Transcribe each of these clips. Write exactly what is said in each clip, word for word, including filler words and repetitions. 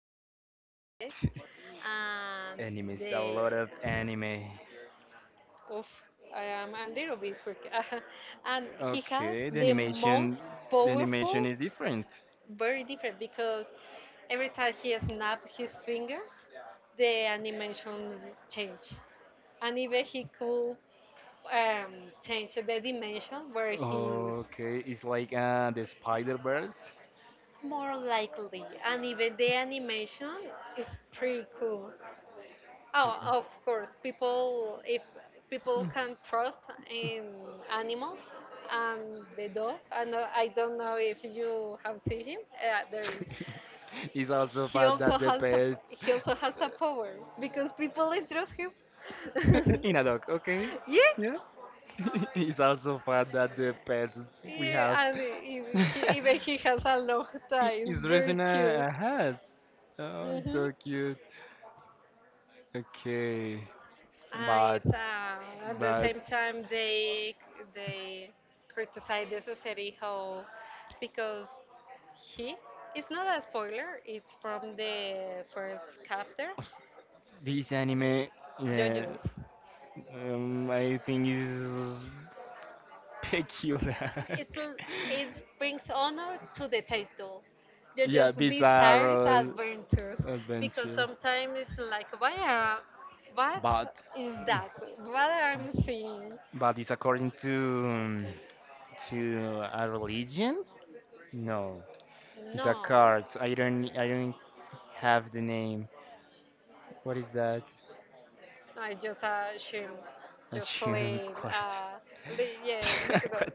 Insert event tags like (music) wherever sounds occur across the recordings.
called To Be Hero X, and Animes, a the lot of anime. oof, I am a little bit freak. (laughs) And he has Okay, the the animation, most the animation powerful, is different. very different because every time he snapped his fingers, the animation changed, and even he could um, um, change the dimension where he is. Okay, it's like uh, the Spider-Verse. More likely, and even the animation is pretty cool. Oh, of course, people if people can trust in animals and the dog. And uh, I don't know if you have seen him. Yeah, there is. (laughs) It's also He fat also that the has a pet he also has a power because people trust him. (laughs) (laughs) in a dog, okay? Yeah, Yeah. (laughs) It's also fat that the pets we have yeah, and he, he, even (laughs) he has a long tie. It's is very dressing cute. a, a hat. Oh, it's hmm so cute. Okay, And but it's, uh, at the but same time, they they criticize the society how, because he it's not a spoiler. It's from the first chapter, this anime, yeah, JoJo's. um, I think is peculiar. It's l- (laughs) it brings honor to the title. Yeah, JoJo's bizarre bizarre adventures, because adventure. sometimes it's like why are what But is that? What I'm seeing? but it's according to um, to a religion? No, it's a No. card. I don't I don't have the name. What is that? No, it's just a shame. A Just Shirin playing. card. Uh, li- yeah, (laughs) look at that. What?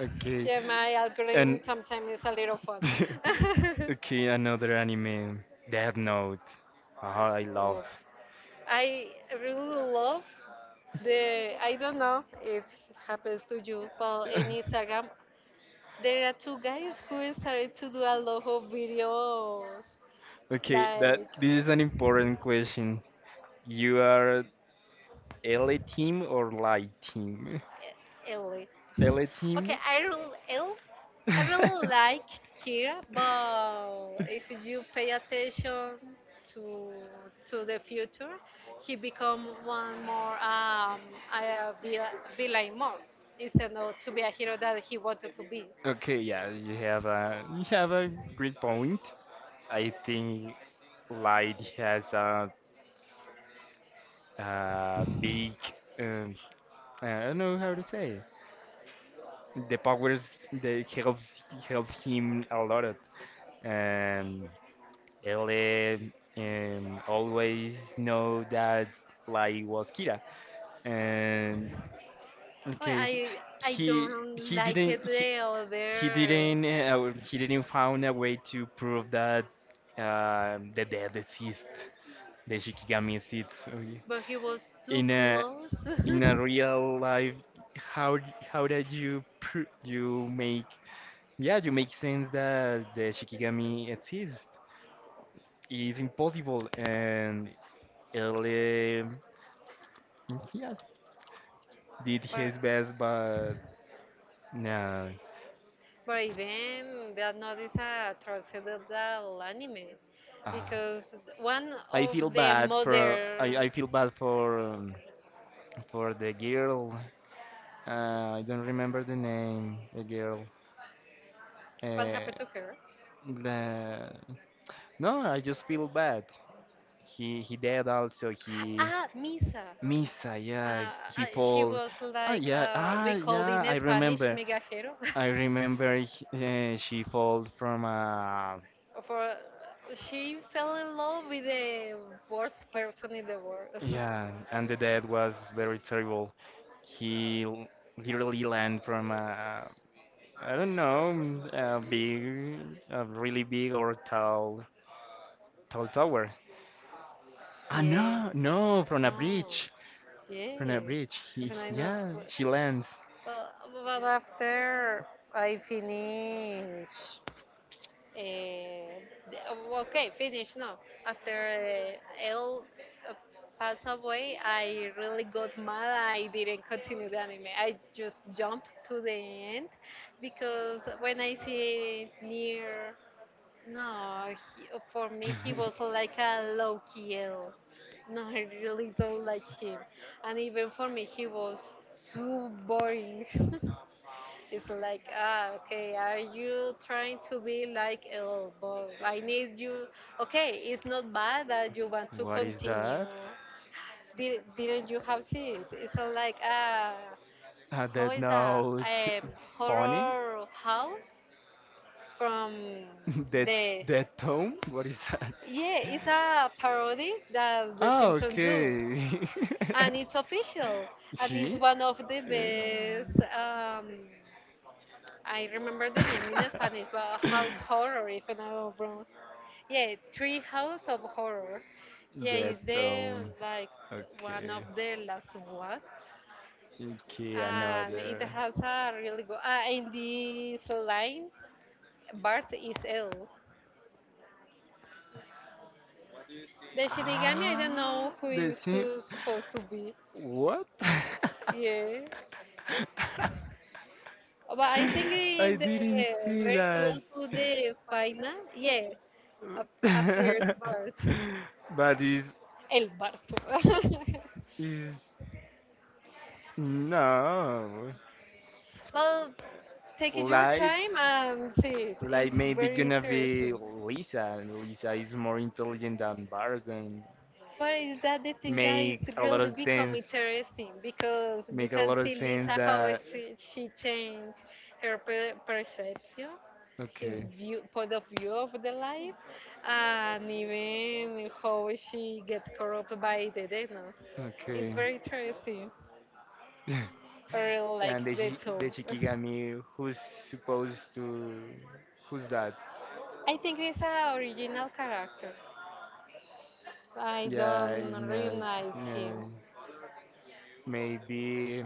Okay. Yeah, my And algorithm sometimes is a little fun. (laughs) (laughs) okay, another anime, Death Note. Ah, I love. Oof. I really love the. I don't know if it happens to you, but in (laughs) Instagram, there are two guys who started to do a lot of videos, Okay, that like this is an important question. You are L A team or light team? Ellie. L Okay, team? I really, I really like (laughs) Kira, but if you pay attention to to the future, he become one more um a vil- villain more, instead of to be a hero that he wanted to be. Okay, yeah, you have a you have a great point. I think light has a, a big um, I don't know how to say the powers that helps helps him a lot. Um, L um, always know that light was Kira. And Oh, okay, I I he don't he like didn't it the he others, didn't uh, he didn't found a way to prove that uh, the death exists, the shikigami exists, okay. but he was too in a close. in a (laughs) real life, how how did you pr- you make, yeah, you make sense that the shikigami exists. It's impossible. And ele, yeah, did but his best but no. But even that not is a transcendental anime uh, because one I of feel the bad for mother, I, I feel bad for um, for the girl. Uh, I don't remember the name. The girl. what Uh, happened to her? the No, I just feel bad. He he dead also. He Ah, Misa. Misa. Yeah, Uh, he I- She fall. was Ah, like yeah. uh, Ah, we called yeah. in I Spanish remember. migajero. (laughs) I remember, h- uh, she falls from a, For She fell in love with the worst person in the world. yeah, and the death was very terrible. He l- literally land from a, I don't know, a big, a really big or tall, tall tower. (laughs) Ah, Yeah. no, no, from a No. bridge, from a Yeah. bridge. He, When I know. yeah, she lands. Well, but after I finish, uh, the- oh, okay, finish. No, after uh, Elle uh, passed away, I really got mad. I didn't continue the anime. I just jumped to the end because when I see near, no, he, for me he was like a low key L. No, I really don't like him, and even for me he was too boring. (laughs) It's like, ah, okay, are you trying to be like, oh, but I need you. Okay, it's not bad that you want to What is continue. that? Did, didn't you have seen it? It's not like, ah, A how dead is that? note. Um, Funny. Horror house from (laughs) Dead, the. dead tone. What is that? Yeah, it's a parody that The Ah, Simpsons do. okay. And it's official. (laughs) And it's She. one of the Yeah. best. Um, I remember the name in Spanish, but (laughs) House Horror, if I'm not wrong. Yeah, Tree House of Horror. Yeah, it's That um, the like one okay, of the last ones, okay, and it another. has a really good. Uh, in this line, Bart is ill. The Shinigami, I don't know Ah, who the is same. to, supposed to be. What? (laughs) Yeah, but I think in I the didn't see very that. close to the final, yeah, ap- appears (laughs) Bart. But is El barco. (laughs) is no. Well, take it Taking your my like time time and see it. and like It's maybe very waiting gonna for be interesting. Lisa. Lisa is more intelligent than Bart and But is that the but Lisa thing that is make a lot really just of become become sense. Interested interesting, because you make a because can lot of Lisa see is sense Lisa a how is that she she changed her per- perception, favorite. his Okay, view point of view of the life, and even how she get corrupted by the demons. It's okay. very Very interesting. (laughs) girl, I really like like and the the shi- tone. the gentle (laughs) Shikigami, who's supposed to, who's that? I think he's an original character. I, I yeah, don't. don't Isn't, recognize Uh, him. maybe.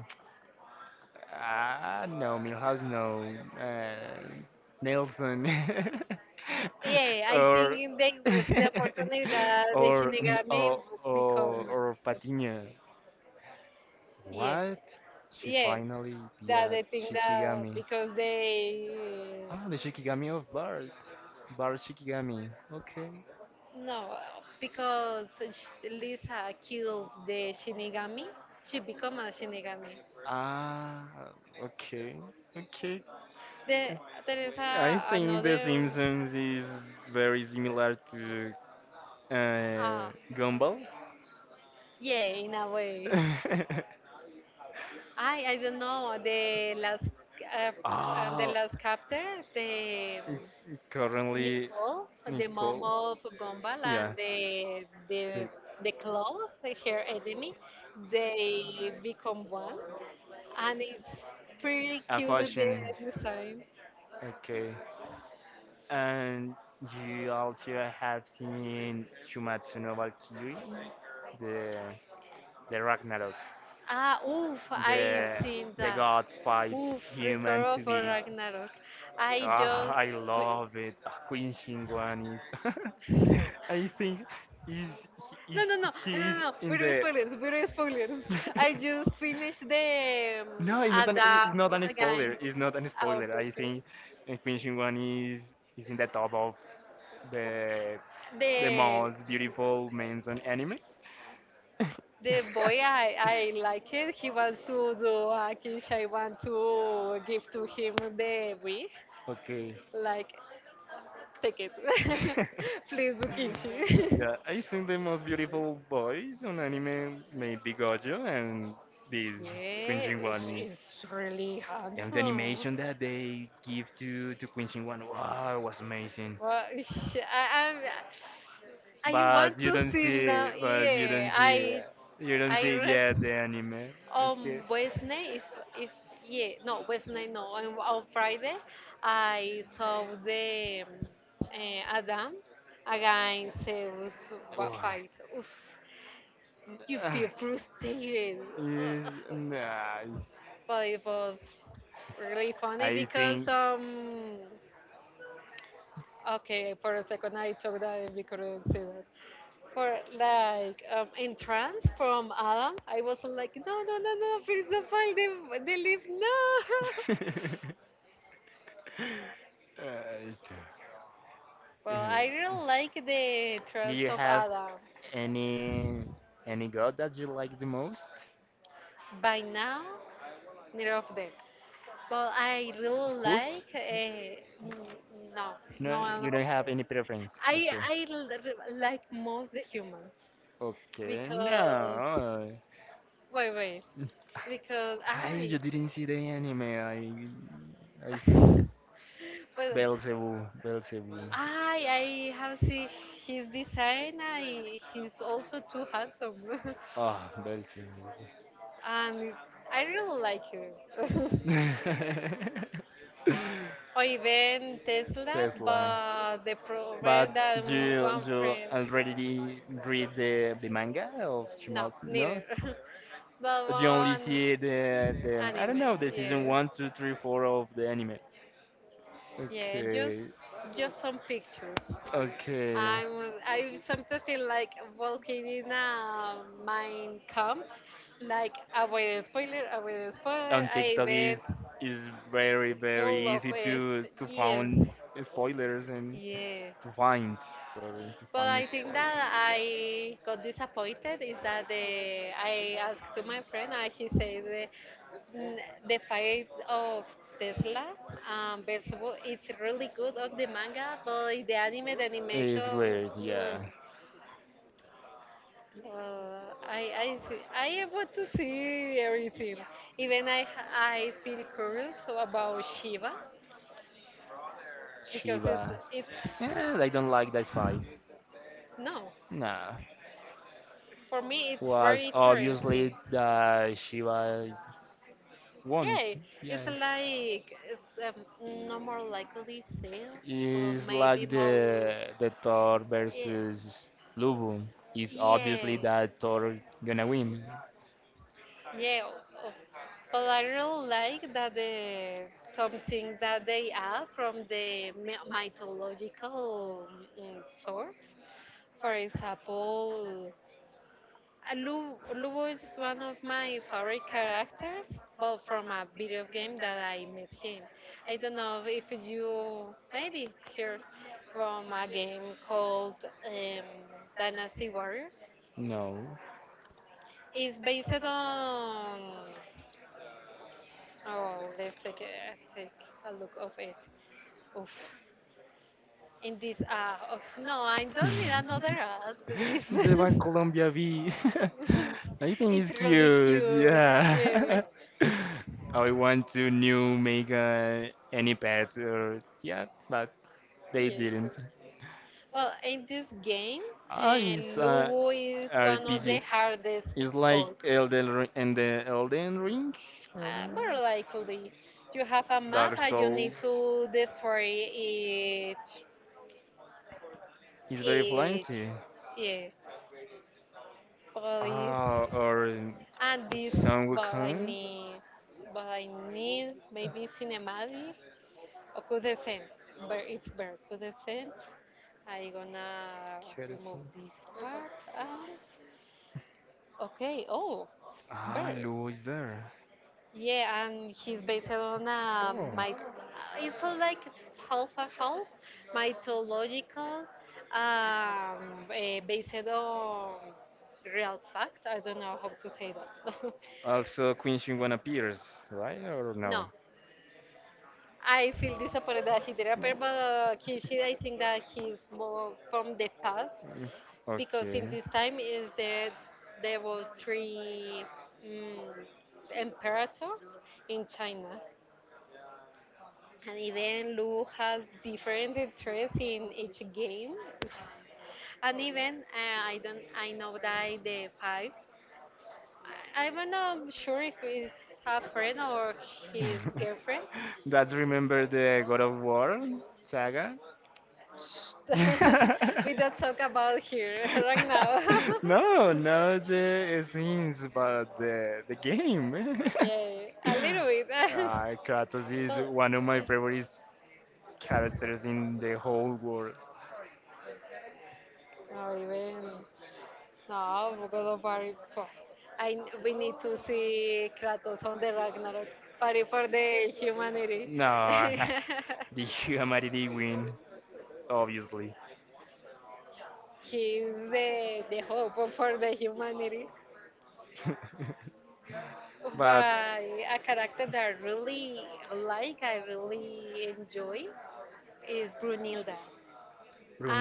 Ah, no, Milhouse, no. Uh, Nelson. Yeah, (laughs) I or think they was the (laughs) opportunity that the or Shinigami or would or become. or Patiño. Yeah, What? She yeah. finally be That at I think that Shikigami. because they Ah, the Shikigami of Bart. Bart Shikigami. Okay. no, because sh- Lisa killed the Shinigami, she become a Shinigami. Ah, okay. Okay. There there is I a, think The another Simpsons is very similar to uh, ah Gumball. yeah, in a way. (laughs) I I don't know the last uh, uh, the Oh, last chapter, the currently Nicole, the mom Nicole. of Gumball, Yeah, and the the the- the claw, her enemy, they become one, and it's pretty a cute the fashion. design. Okay, and you also have seen Shumatsu no Valkyrie, the the Ragnarok, Ah, oof, I the seen the that. gods fight Oof, Record human to of be. Ragnarok. I Ah, just I f- love it. Ah, Queen Shinguan is. (laughs) I think is he No, is no, no, he no, no. is no. in We're the. spoilers. We're spoilers. I (laughs) just finished the um, No, it's not an Ada (laughs) it's not an spoiler. again. It's not an Ah, spoiler. okay, I okay. think uh, Queen Shinguan is is in the top of Oof. the The the most beautiful men's on anime. the boy I I like it. He wants to (laughs) do a kiss. I want to give to him the wig. Okay. Like, take it. (laughs) (laughs) Please do kinshi. Yeah, (laughs) I think the most beautiful boys on anime may be Gojo and this Queen Yeah, Shin-wan it's, is. it's really And the handsome. animation that they give to to Queen Shin-wan, wow, was amazing. Well, (laughs) I, I'm, I But want you to don't see see, now. but you don't Yeah, see, uh, I you don't I see yet read the anime. Okay. on Wednesday. If if yeah, no Wednesday, no on, on Friday, I saw the um, eh, Adam against Zeus wa- Wow. fight. Oof, you Ah, feel frustrated. it's Ugh. nice. But it was really funny I because think. um. Okay, for a second I thought that we couldn't see that. For like um, entrance from Adam, I was like, no, no, no, no, please don't find them. They they leave no. (laughs) (laughs) Uh, Well, yeah. I really like the Do entrance you of have Adam. any any god that you like the most? By now, neither of them. Well, I really Who's? like. Uh, no, no, No, no. no. you don't have any preference. I Okay. I l- r- like most the humans Okay. because No. wait, wait, (laughs) because Ay, I you didn't see the anime. I I see. (laughs) well, Beelzebub, Beelzebub. I I have seen his design. I, he's also too handsome, (laughs) Ah, Belgium. and I really like him. (laughs) (laughs) Or even Tesla, Tesla. but the But problem that you one you friend, already read the, the manga of no, Chimaos? neither. No? (laughs) But You only one see the, the I don't anime, know, the season yeah, one, two, three, four of the anime. yeah, just Okay. just some pictures. Okay. I'm I sometimes feel like walking in a mind camp. Like avoid the spoiler, avoid the spoiler. I was Is very full very of it. to Yes, find spoilers and yeah. to find, sorry, to But I spoilers. think that I got disappointed is that the, I asked to my friend and he says the, the fight of Tesla um, versus Wo- it's really good on the manga, but in the anime, the animation. Weird, mm, yeah. Uh, I I thi- I want to see everything. Even I I feel curious about Shiva because it's Does. it's Yeah, I don't like that fight. no, Nah. for me it's very Was obviously interesting. that Shiva won. Yeah, Yeah, it's like it's um, no more likely sales, but it's maybe like more. the the Thor Yeah, versus Lubu. It's obviously yeah. that Thor gonna win. Yeah, o- but I really like that the some things that they add from the mi- mythological mm, source. For example, uh, Lu, Lu is one of my favorite characters, but from a video game that I met him. I don't know if you maybe heard from a game called um, Dynasty Warriors. No. It's based on. Oh, let's take a, take a look of it. Oof. In this uh, of, no, I don't need (laughs) another ad, please. The one (laughs) Colombia V. (laughs) I think It's it's really cute. cute. Yeah, Yeah. (laughs) I want to new make uh, any pet or yeah, but they yes. didn't. Good. Well, in this game, Ah, uh, it's uh, Lubu is one of R P G. the hardest It's like boss. Elden Ring and the Elden Ring. Uh, Elden more Ring? likely, you have a map Dark and you Souls. need to destroy each It's very each. fancy. Yeah, Police. Ah, or And this Sun but I Wukong. need but I need maybe cinematic or Kudescent. But it's very Kudescent. I gonna remove this part out. Okay, oh Ah, bird. Lu is there. Yeah, and he's based on uh, Oh. my uh, it's like half a half mythological um eh, based on real fact. I don't know how to say that. Also, Queen Shinwan appears, right? Or (laughs) no? No, I feel disappointed that he didn't appear, but uh, Kishida, I think that he's more from the past Mm, because okay. in this time is that there was three mm emperators in China, and even Lu has different interests in each game, (sighs) (laughs) and even uh, I don't I know that the five I, I'm not sure if he's a friend or his girlfriend. (laughs) That's remember the God of War saga? (laughs) Shh. (laughs) We don't talk (laughs) about here (laughs) right now. No, not the scenes, but the the game. (laughs) (laughs) Yeah, a little bit. (laughs) Uh, Kratos is Well, one of my this favorite characters in the whole world. no even no God of War. Pff, I we need to see Kratos on the Ragnarok party for the humanity. No, (laughs) (laughs) the humanity win, obviously. He's the the hope for the humanity. (laughs) But But I, a character that I really like, I really enjoy, is Brunilda.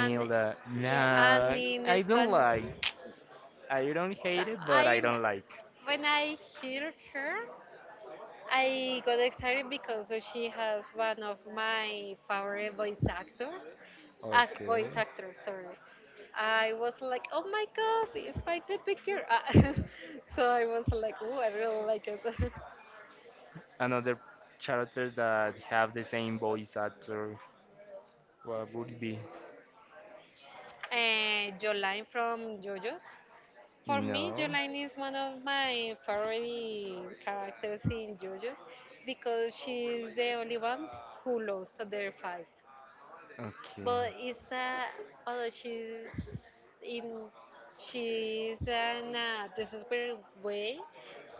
And yeah, and Nah, in I don't like. Spanish, I don't hate it, but I I don't like. when I hear her, I got excited because she has one of my favorite voice actors, uh, Okay. voice actors. Sorry, I was like, oh my god, it's my baby girl. Ah, (laughs) so I was like, oh, I really like it. (laughs) Another characters that have the same voice actor. What would it be? Uh, Jolene from JoJo's. For me, No. Jolene is one of my favorite characters in JoJo's because she's the only one who lost their fight. Okay. But it's a but she's in she's in a desperate way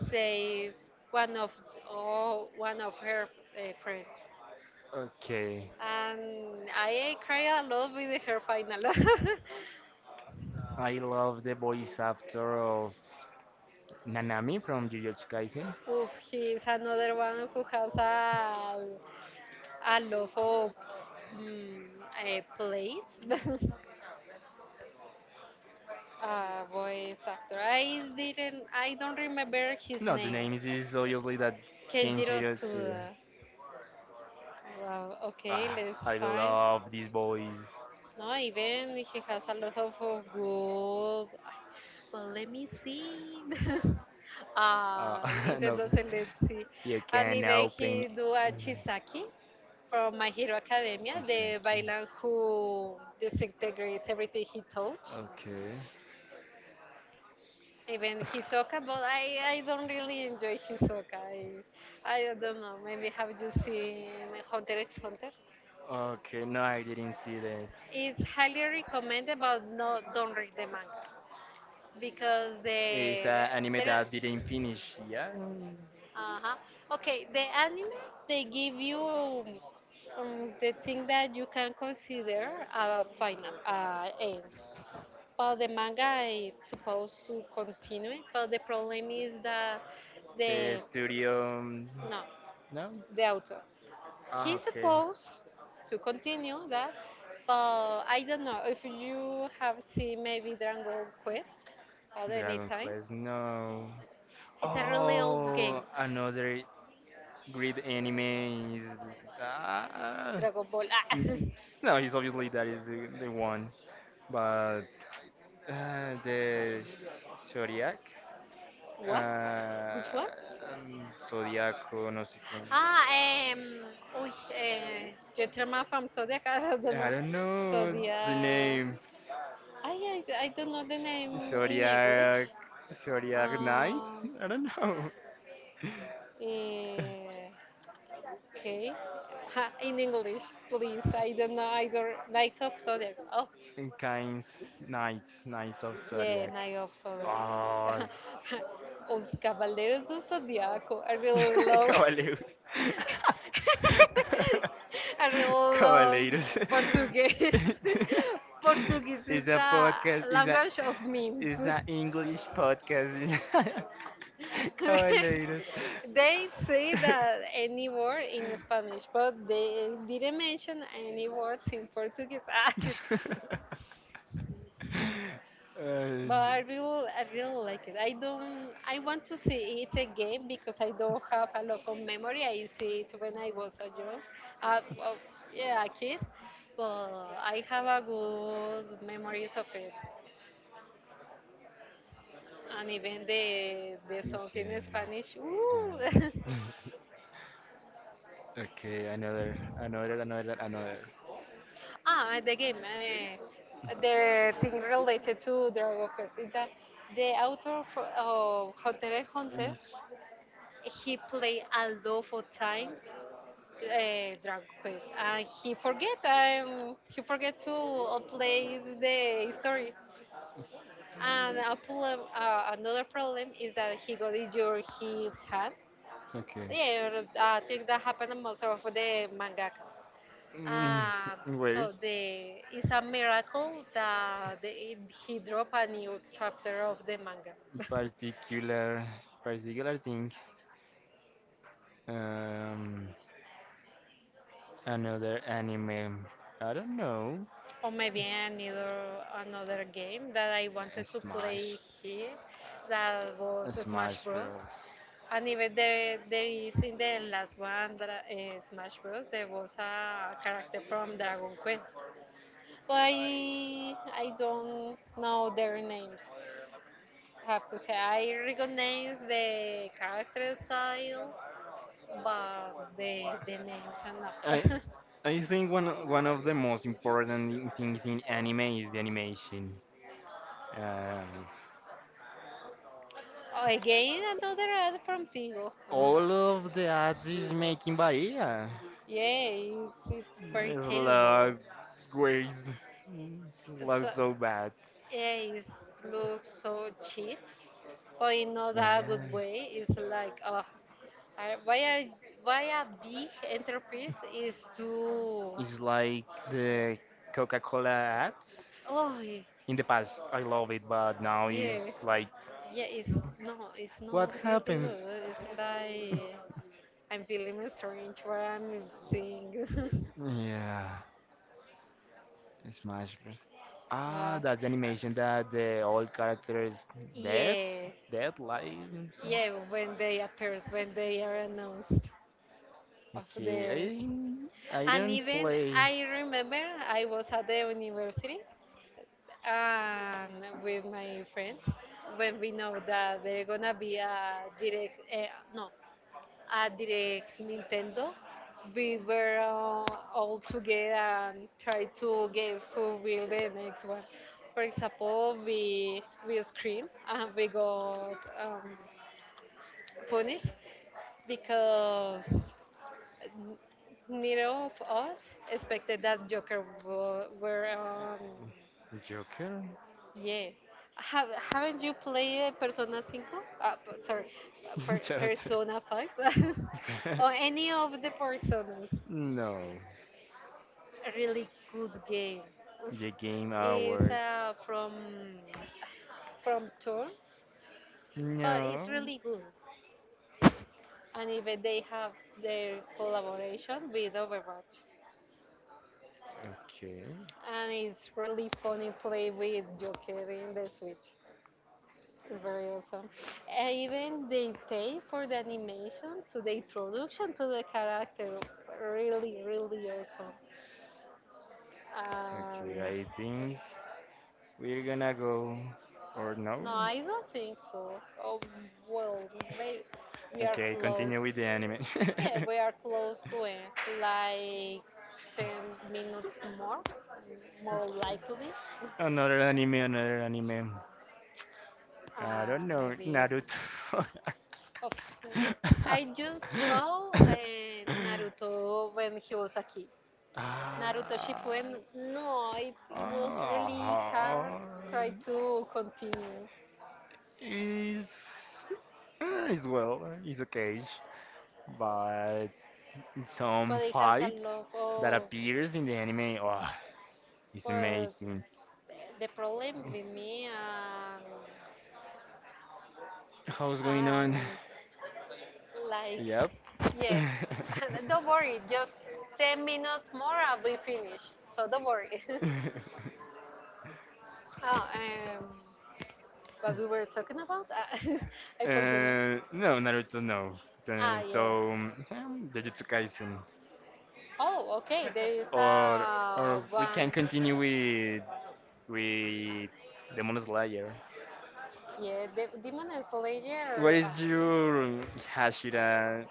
save one of oh, one of her uh, friends, Okay. and I cry a lot with her final. (laughs) I love the voice actor of Nanami from Jujutsu Kaisen. Oof, he is another one who has a A love of mm, a place. Uh, plays. (laughs) A voice actor. I didn't. I don't remember his No, the name. name is, is obviously that Kenjiro Kenshiro Tsuda. Tsuda. Wow. Okay, Ah, let's I find. love these boys. No, even he has a lot of, of good. Well, let me see. (laughs) Ah, Uh, (laughs) it no, doesn't let see. you And can even open. he do a Chisaki from My Hero Academia, the villain who disintegrates everything he touch. Okay. Even Hisoka, but I, I don't really enjoy Hisoka. I, I don't know. Maybe have you seen Hunter x Hunter? Okay, no, I didn't see that. It's highly recommended, but no, don't read the manga. because It's the an anime there. that didn't finish. Yeah. Uh-huh. Okay, the anime, they give you um, the thing that you can consider a final, uh, end, but the manga is supposed to continue, but the problem is that The the studio. um, no, No. the author, Ah, he's okay. supposed to continue that. But I don't know if you have seen maybe Dragon Quest at any Dragon time. Quest, no. It's a really old game. Oh, another great anime is. Ah. Dragon Ball. Ah, N- (laughs) No, he's obviously that is the, the one. But uh, the Zodiac? what? Uh, Which one? um, Zodiaco, no sé cómo. Ah, um, uy, eh, Gentleman from Zodiac. (laughs) I don't I know. don't know the Zodiac. name. I, I, I don't know the name in English. Zodiac. Zodiac Knights? Um, I don't know. (laughs) eh, okay. (laughs) In English, please. I don't know. I don't. Knights of Zodiac. Oh, And Kinds Knights, Knights of yeah, Zodiac. Night of Solar. Oh, s- (laughs) Os Cavaleiros do Zodiaco. I really (laughs) love. Cavaleiros. (laughs) I (laughs) really love Cavaleiros. Portuguese. (laughs) (laughs) Portuguese is It's a a podcast. It's a language of memes. it's an English podcast. (laughs) Cavaleiros. (laughs) They say that any word in Spanish, but (laughs) they didn't mention any words in Portuguese. (laughs) Ah. (laughs) Ay, But I no. really, I really like it. I don't. I want to see it again because I don't have a lot of memory. I see it when I was a young, uh, well, yeah, a kid. But I have a good memories of it, and even the the song Say, in Spanish. Ooh. (laughs) (laughs) yeah. (laughs) Okay, another, another, another, another. Ah, the game. Eh, (laughs) the thing related to Dragon Quest is that the author of, of Hunter x Hunter, Is- he played a lot of time, uh, Dragon Quest, and he forget um he forget to play the story. And a problem, uh, another problem is that he got injured his hand. Okay. Yeah, I think that happened in most of the mangakas. And so (laughs) the it's a miracle that the, he dropped a new chapter of the manga. the, (laughs) Particular, particular thing. Um, another anime. I don't know. Or maybe another another game that I Uh, wanted to play Smash. here, that was Smash Smash Bros. Bros. And even there, there is in the last one, that, uh, Smash Bros. There was a character from Dragon Quest. But I, I don't know their names. I have to say I recognize the character style, but the the names are I not. I think one o- one of the most important things in anime is the animation. Um, (laughs) Oh, again another ad from Tigo. Oh, all of the ads is making Bahia. yeah, it's, it's very terrible. Slug weird. So, Slug so bad. yeah, it looks so cheap, but in not a Yeah. good way. It's like, oh, I- why a why a big enterprise is too? It's like the Coca-Cola ads. Oh, In the past, I love it, but now yeah, it's like, yeah. It's No, it's what not really happens? good. It's like I'm feeling strange what I'm seeing. (laughs) Yeah, Smash Bros. Ah, uh, that's the animation that the all characters dead, yeah, dead life. Or something. yeah. When they appear, when they are announced of their. Okay, I I And don't even play I remember I was at the university and with my friends when we know that they're gonna be a direct, uh, no, a direct Nintendo. We were uh, all together and try to guess who will the next one. For example, we we scream and we got um, punished because N- neither of us expected that Joker wo- were. Um, Joker Yeah. Have, haven't you played Persona five? Uh, p- sorry, uh, per, (laughs) character. Persona five? (laughs) Or (laughs) any of the Personas? No, A really good game. Oof. the Game It's Awards. uh, from, from Turns, but it's No. really good. And even they have their collaboration with Overwatch, Okay. and it's really funny play with Joker in the Switch. It's very awesome. And even they pay for the animation to the introduction to the character. Really, really awesome. Um, Okay, I think we're gonna go or no? no, I don't think so. Oh, well, maybe we are Okay, close. continue with the anime. (laughs) Yeah, we are close to it. Like ten minutes more, more likely. Another anime, another anime. I Uh, don't know, Maybe. Naruto. Of, who- I just (laughs) saw uh, Naruto when he was a kid. Naruto Shippuden, no, it, it was Ah. really hard. Ah. Try to continue, Is, ah, is, well, is okay, but some but it has a fights lot that of. appears in the anime. Oh, it's Well, amazing. the problem with me and How's going on? and like Yep. (laughs) uh, yeah, (laughs) don't worry. Just ten minutes more, I'll be finished. So don't worry. (laughs) oh, um, what we were talking about? (laughs) I forget. no, Naruto, no. Ah, The- yeah. So, um, Jujutsu Kaisen, Oh, okay. There is or a or we can one. continue with with Demon Slayer. Yeah, the Demon What Slayer. Ah, is your Hashira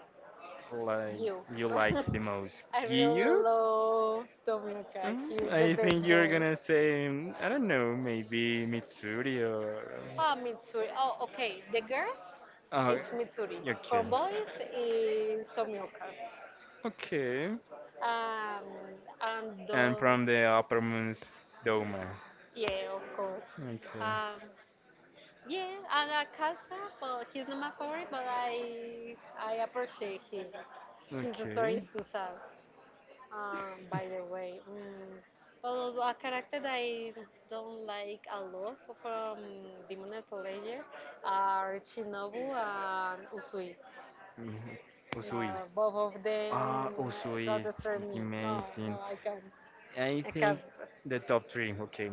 like you. you like (laughs) the most? I really Gyu? love Tomioka. He's Mm, the I best think you're boy. gonna say, mm, I don't know, maybe Mitsuri or. Ah, uh, Mitsuri. Oh, okay. The girls, Oh, it's Mitsuri. okay. From boys, is Tomioka. Okay. Um, and And the, from the uppermost moon's Doma. yeah, of course. Okay. Um, yeah, and Akasa, but he's not my favorite, but I I appreciate him. His story Okay. is too sad, um, by the way. Mm. Well, a character that I don't like a lot from Demon Slayer are Shinobu and Usui. Mhm. Usui. No, both of them Ah, Usui got is, destroy is me. No, amazing. no, I can't. I I can't. think the top three, okay.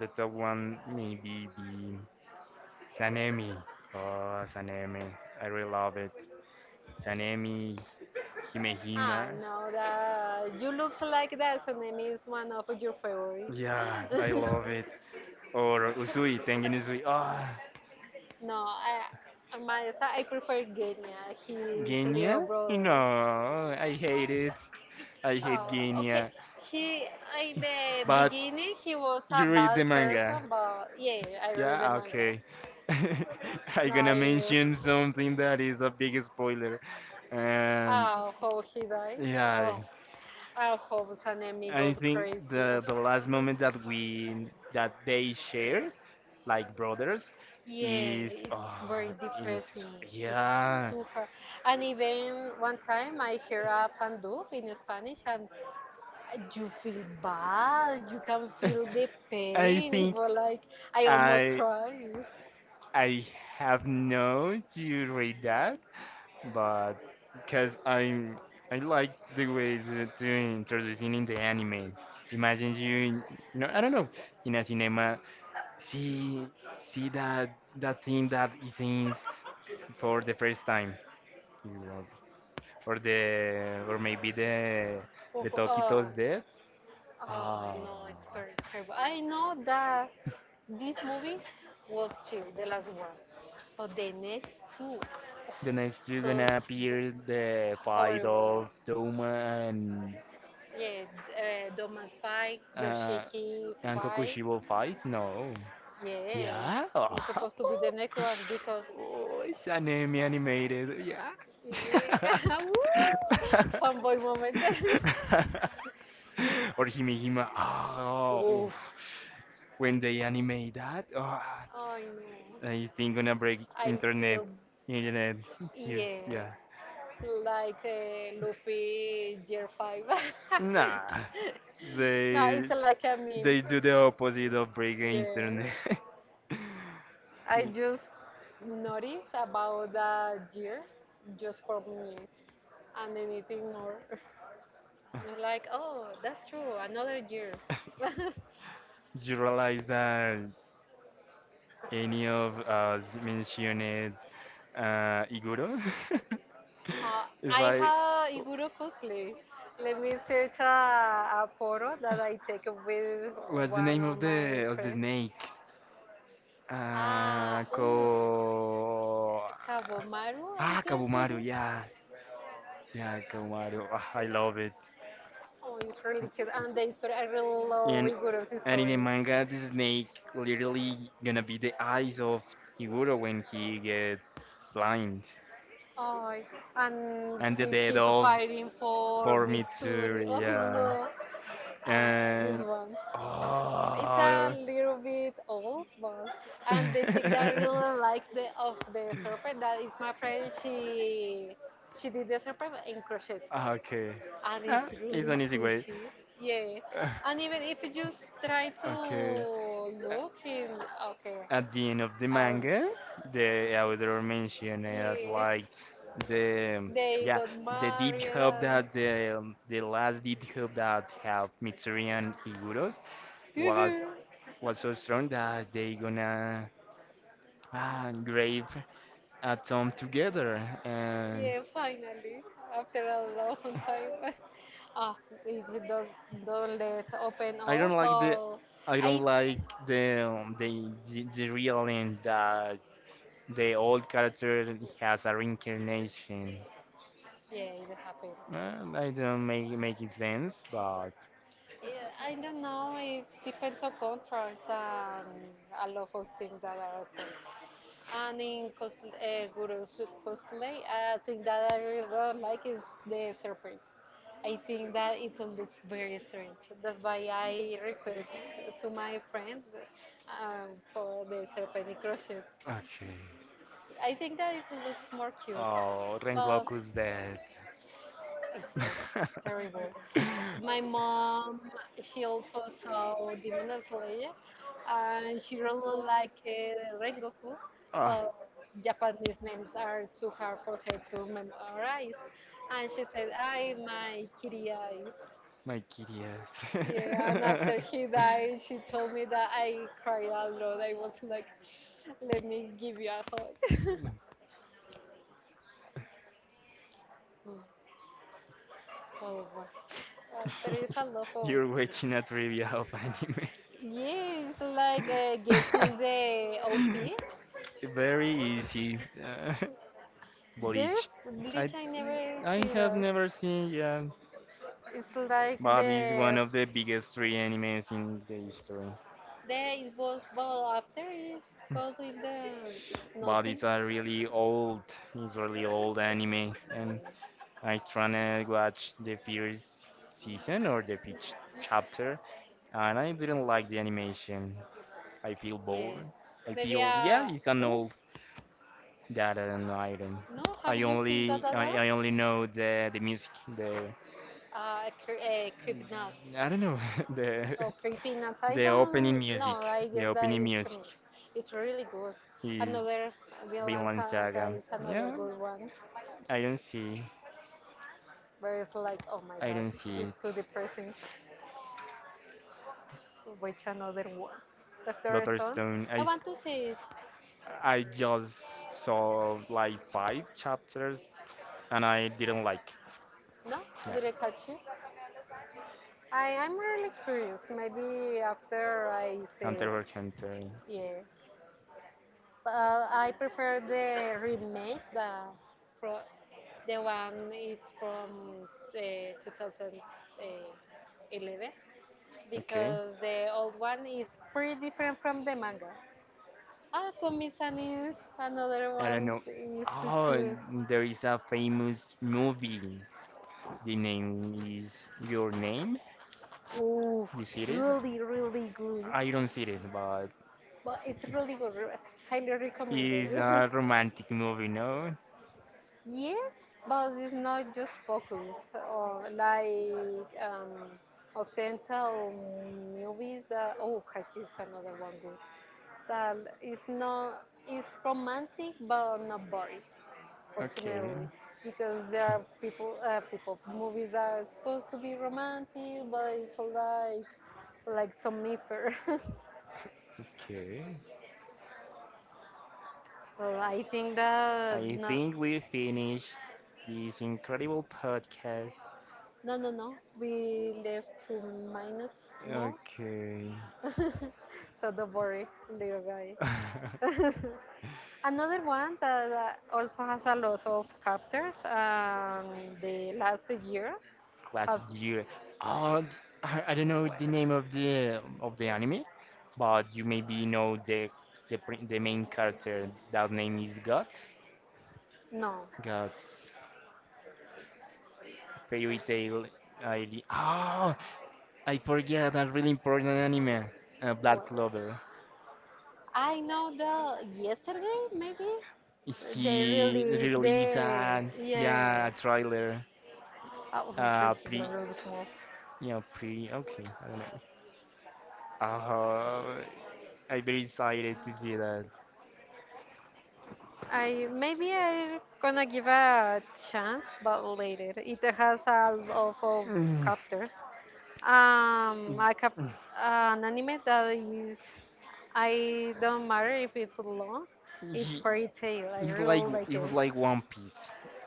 The top one maybe be Sanemi. Oh, Sanemi. I really love it. Sanemi, Himehima. Ah, no, that you looks like that, and it is one of your favorites. Yeah, I (laughs) love it. Or Usui, Tengen Usui. Ah, No, I, my, I prefer Genya, his little Genya? brother. No, I hate it. I hate Uh, okay. Genya. He In the But beginning he was a you read the bad manga. person, but yeah, I read the Yeah, manga. okay. (laughs) I'm No, gonna I mention something that is a big spoiler. And. uh, how he died. Oh, Yeah. I hope his enemy I got think crazy. the Ugh. the last moment that we that they shared like brothers is Yeah, it's oh, very is depressing. It's yeah. too hard. And even one time I hear a fan dub in Spanish, and Uh, you feel bad. You can feel the (laughs) I pain. It think was like I almost I cry. I have no to read that, but because I I like the way to, to introducing in the anime. Imagine you, in, no, I don't know, in a cinema. See, see that that thing that he sings for the first time. Is that- or the, or maybe the, Oh, the oh, Tokito's dead. oh, Ah, no, it's very terrible. I know that this movie was chill, the last one, but the next two, then you're those gonna appear the fight horrible. of Doma and Yeah, uh, Doman Spy, Uh, Yoshiki and Fight. Kokushibo fights? No. Yeah, Yeah. Oh. it's supposed to be the (laughs) next one because. (laughs) Oh, it's an anime animated. Yeah. (laughs) Yeah. (laughs) Woo! moment. Fanboy moment. (laughs) Or Himihima. Oh, Oof. oof. When they animate that, oh, I know. I think gonna break I internet. feel, Internet. He's. Yes, yeah, yeah. like uh, Luffy year five. Nah, (laughs) (laughs) No, they it's like a meme. they do the opposite of breaking Yeah. internet. I (laughs) you just notice about that year just for me, and anything more. (laughs) I'm like, oh, that's true, another year. (laughs) you realize that any of us mentioned uh, Iguro? Uh, (laughs) it's I like, have Iguro cosplay. Let me search a, a photo that I take with what's the one name of of my the of the friends. snake? Uh, Ah, ko ooh, Kabomaru, I ah guess it Kabumaru, is. yeah, yeah, Kabumaru. Ah, I love it. Oh, it's really cute. And the story, I really love And Iguro's And in the story. manga, the snake literally gonna be the eyes of Higuro when he get blind, Oh, and and the he dead keep of fighting for for Mitsuri. Mitsuri. Oh, Yeah, no. Ah, this and one. It's a oh, little bit old, but and the thing that I really like (laughs) the of the serpent that is my friend. She she did the serpent in crochet, Ah, okay, and ah, it's it's really an easy way. squishy. Yeah, (laughs) and even if you just try to okay, A- look in, okay, At the end of the and manga, the author mentioned as yeah, like the they yeah got the deep married help and. that the the last deep help that have Mitsuri and Iguros was (laughs) was so strong that they gonna ah, grave atom together. And Yeah, finally, after a long time. (laughs) Ah, it it does, don't let open I all, don't like the but I I, don't like the um, the the, the real end that the old character has a reincarnation. yeah, it happened. Uh, I don't make make it sense, but Yeah, I don't know. It depends on contracts and a lot of things that are sent. And in cosplay, uh, Guru's cosplay, I think that I really don't like is the serpent. I think that it looks very strange. That's why I request to my friend um, for the serpent in crochet. okay. I think that it looks more cute, Oh, but Rengoku's dead. it was (laughs) terrible. My mom, she also saw Demon Slayer, and she really liked uh, Rengoku, Ah, but Japanese names are too hard for her to memorize, and she said, I my kitty eyes. my kitty Yeah, and ass. after he died, she told me that I cried a lot. I was like, let me give you a hug. (laughs) Oh, wow. Uh, there is a lot (laughs) of. You're watching a trivia of anime. Yes, like uh, guessing the O P. (laughs) Very easy. Uh, (laughs) There's Bleach. I glitch, I never I see have that. never seen, yeah, It's like but it's one the of the biggest three animes in the history. the it was well after it goes in the But nothing. it's a really old, it's really old anime, and I tryna watch the first season or the first chapter, and I didn't like the animation. I feel Yeah. bored. I Maybe. feel, yeah, uh it's an Oh, old data and item. no, have I you seen that only other? I, I only know the the music, the Uh, cre- uh creep Nuts. I don't know (laughs) the Oh, Creepy Nuts. I the opening don't No, music, I the guess that opening is Creep music. Nuts. It's really good. He's Another Vinland Vinland Saga Saga. is another Yeah, good one. I don't see. But it's like, oh my I god, don't see it's too it. depressing. Which another one? Doctor Doctor Stone? Stone. I I s- want to see it. I just saw like five chapters and I didn't like. No? No. Did I catch you? I am really curious. Maybe after I see it. Hunter x Hunter. Yes. But I prefer the remake, the, pro, the one it's from uh, two thousand eleven, Okay. because the old one is pretty different from the manga. Ah, Komi-san is another I one don't know. is too Oh, cute. and there is a famous movie. The name is Your Name. Oh, You see it? really, really good. I don't see it, but But it's really good. re- Highly recommended. it's a romantic movie, no? (laughs) Yes, but it's not just focus on like um, Occidental movies that. Oh, Haikyuu is another one good. That is not. It's romantic, but not boring. Okay. Fortunately, because there are people, uh, people movies that are supposed to be romantic, but it's like like some mifer. (laughs) Okay. Well, I think that I no, think we finished this incredible podcast. no, no, no. We left two minutes more, Okay. (laughs) so don't worry, little guys. (laughs) (laughs) Another one that uh, also has a lot of chapters. Um, the last year has Classic year. Oh, I, I don't know well, the name of the of the anime, but you maybe know the the, prin- the main character. That name is Guts. no. Guts. Fairy Tail. I D. Oh, I forget a really important anime. Uh, Black What? Clover. I know the yesterday maybe they He released released the a, yeah, a yeah. trailer, Oh, I'm sure uh it's pre, really small. you know pre, okay, I don't know, uh I'm very excited to see that. I Maybe I gonna give a chance, but later. It has a lot of Mm, chapters. Um, a cap- an anime that is I don't matter if it's long. It's he, fairy tale. I it's like really like it. it's like One Piece.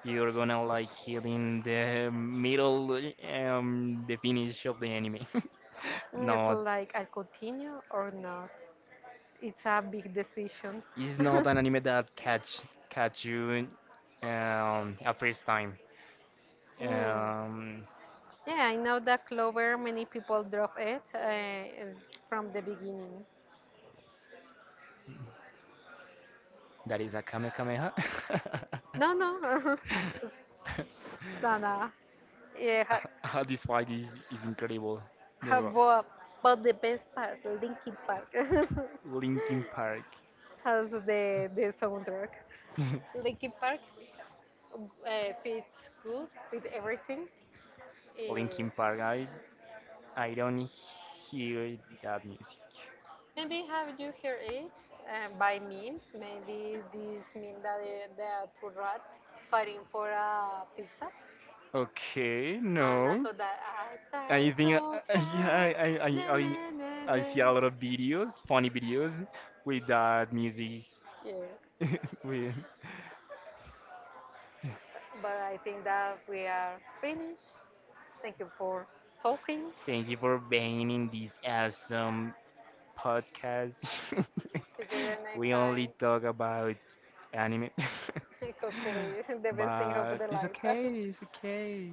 You're gonna like kill in the middle, um the finish of the anime. (laughs) Mm, it's No, like I continue or not. It's a big decision. it's (laughs) not an anime that catch catch you um a first time. Hmm. um Yeah, I know that Clover, many people drop it uh, from the beginning. That is a Kamehameha. (laughs) No, no. (laughs) (laughs) No, no. Yeah, ha, This fight is, is incredible. The ha, ro- but, but the best part, Linkin Park, (laughs) Linkin Park. has the, the soundtrack. Linkin Park uh, fits good with everything. Uh, (laughs) Linkin Park, I, I don't hear that music. Maybe have you heard it uh, by memes? Maybe this meme that uh, there are two rats fighting for a pizza. Okay, And no. also that I try I think, so uh, (laughs) yeah, I, hard. I, Na, I, I na, na, I see a na. lot of videos, funny videos, with that music. Yeah. (laughs) with, But I think that we are finished. Thank you for talking. thank you for being in this awesome podcast. See you the (laughs) next We only time. talk about anime. (laughs) (laughs) Cosplay, the best thing of but the it's okay, life. (laughs) it's okay.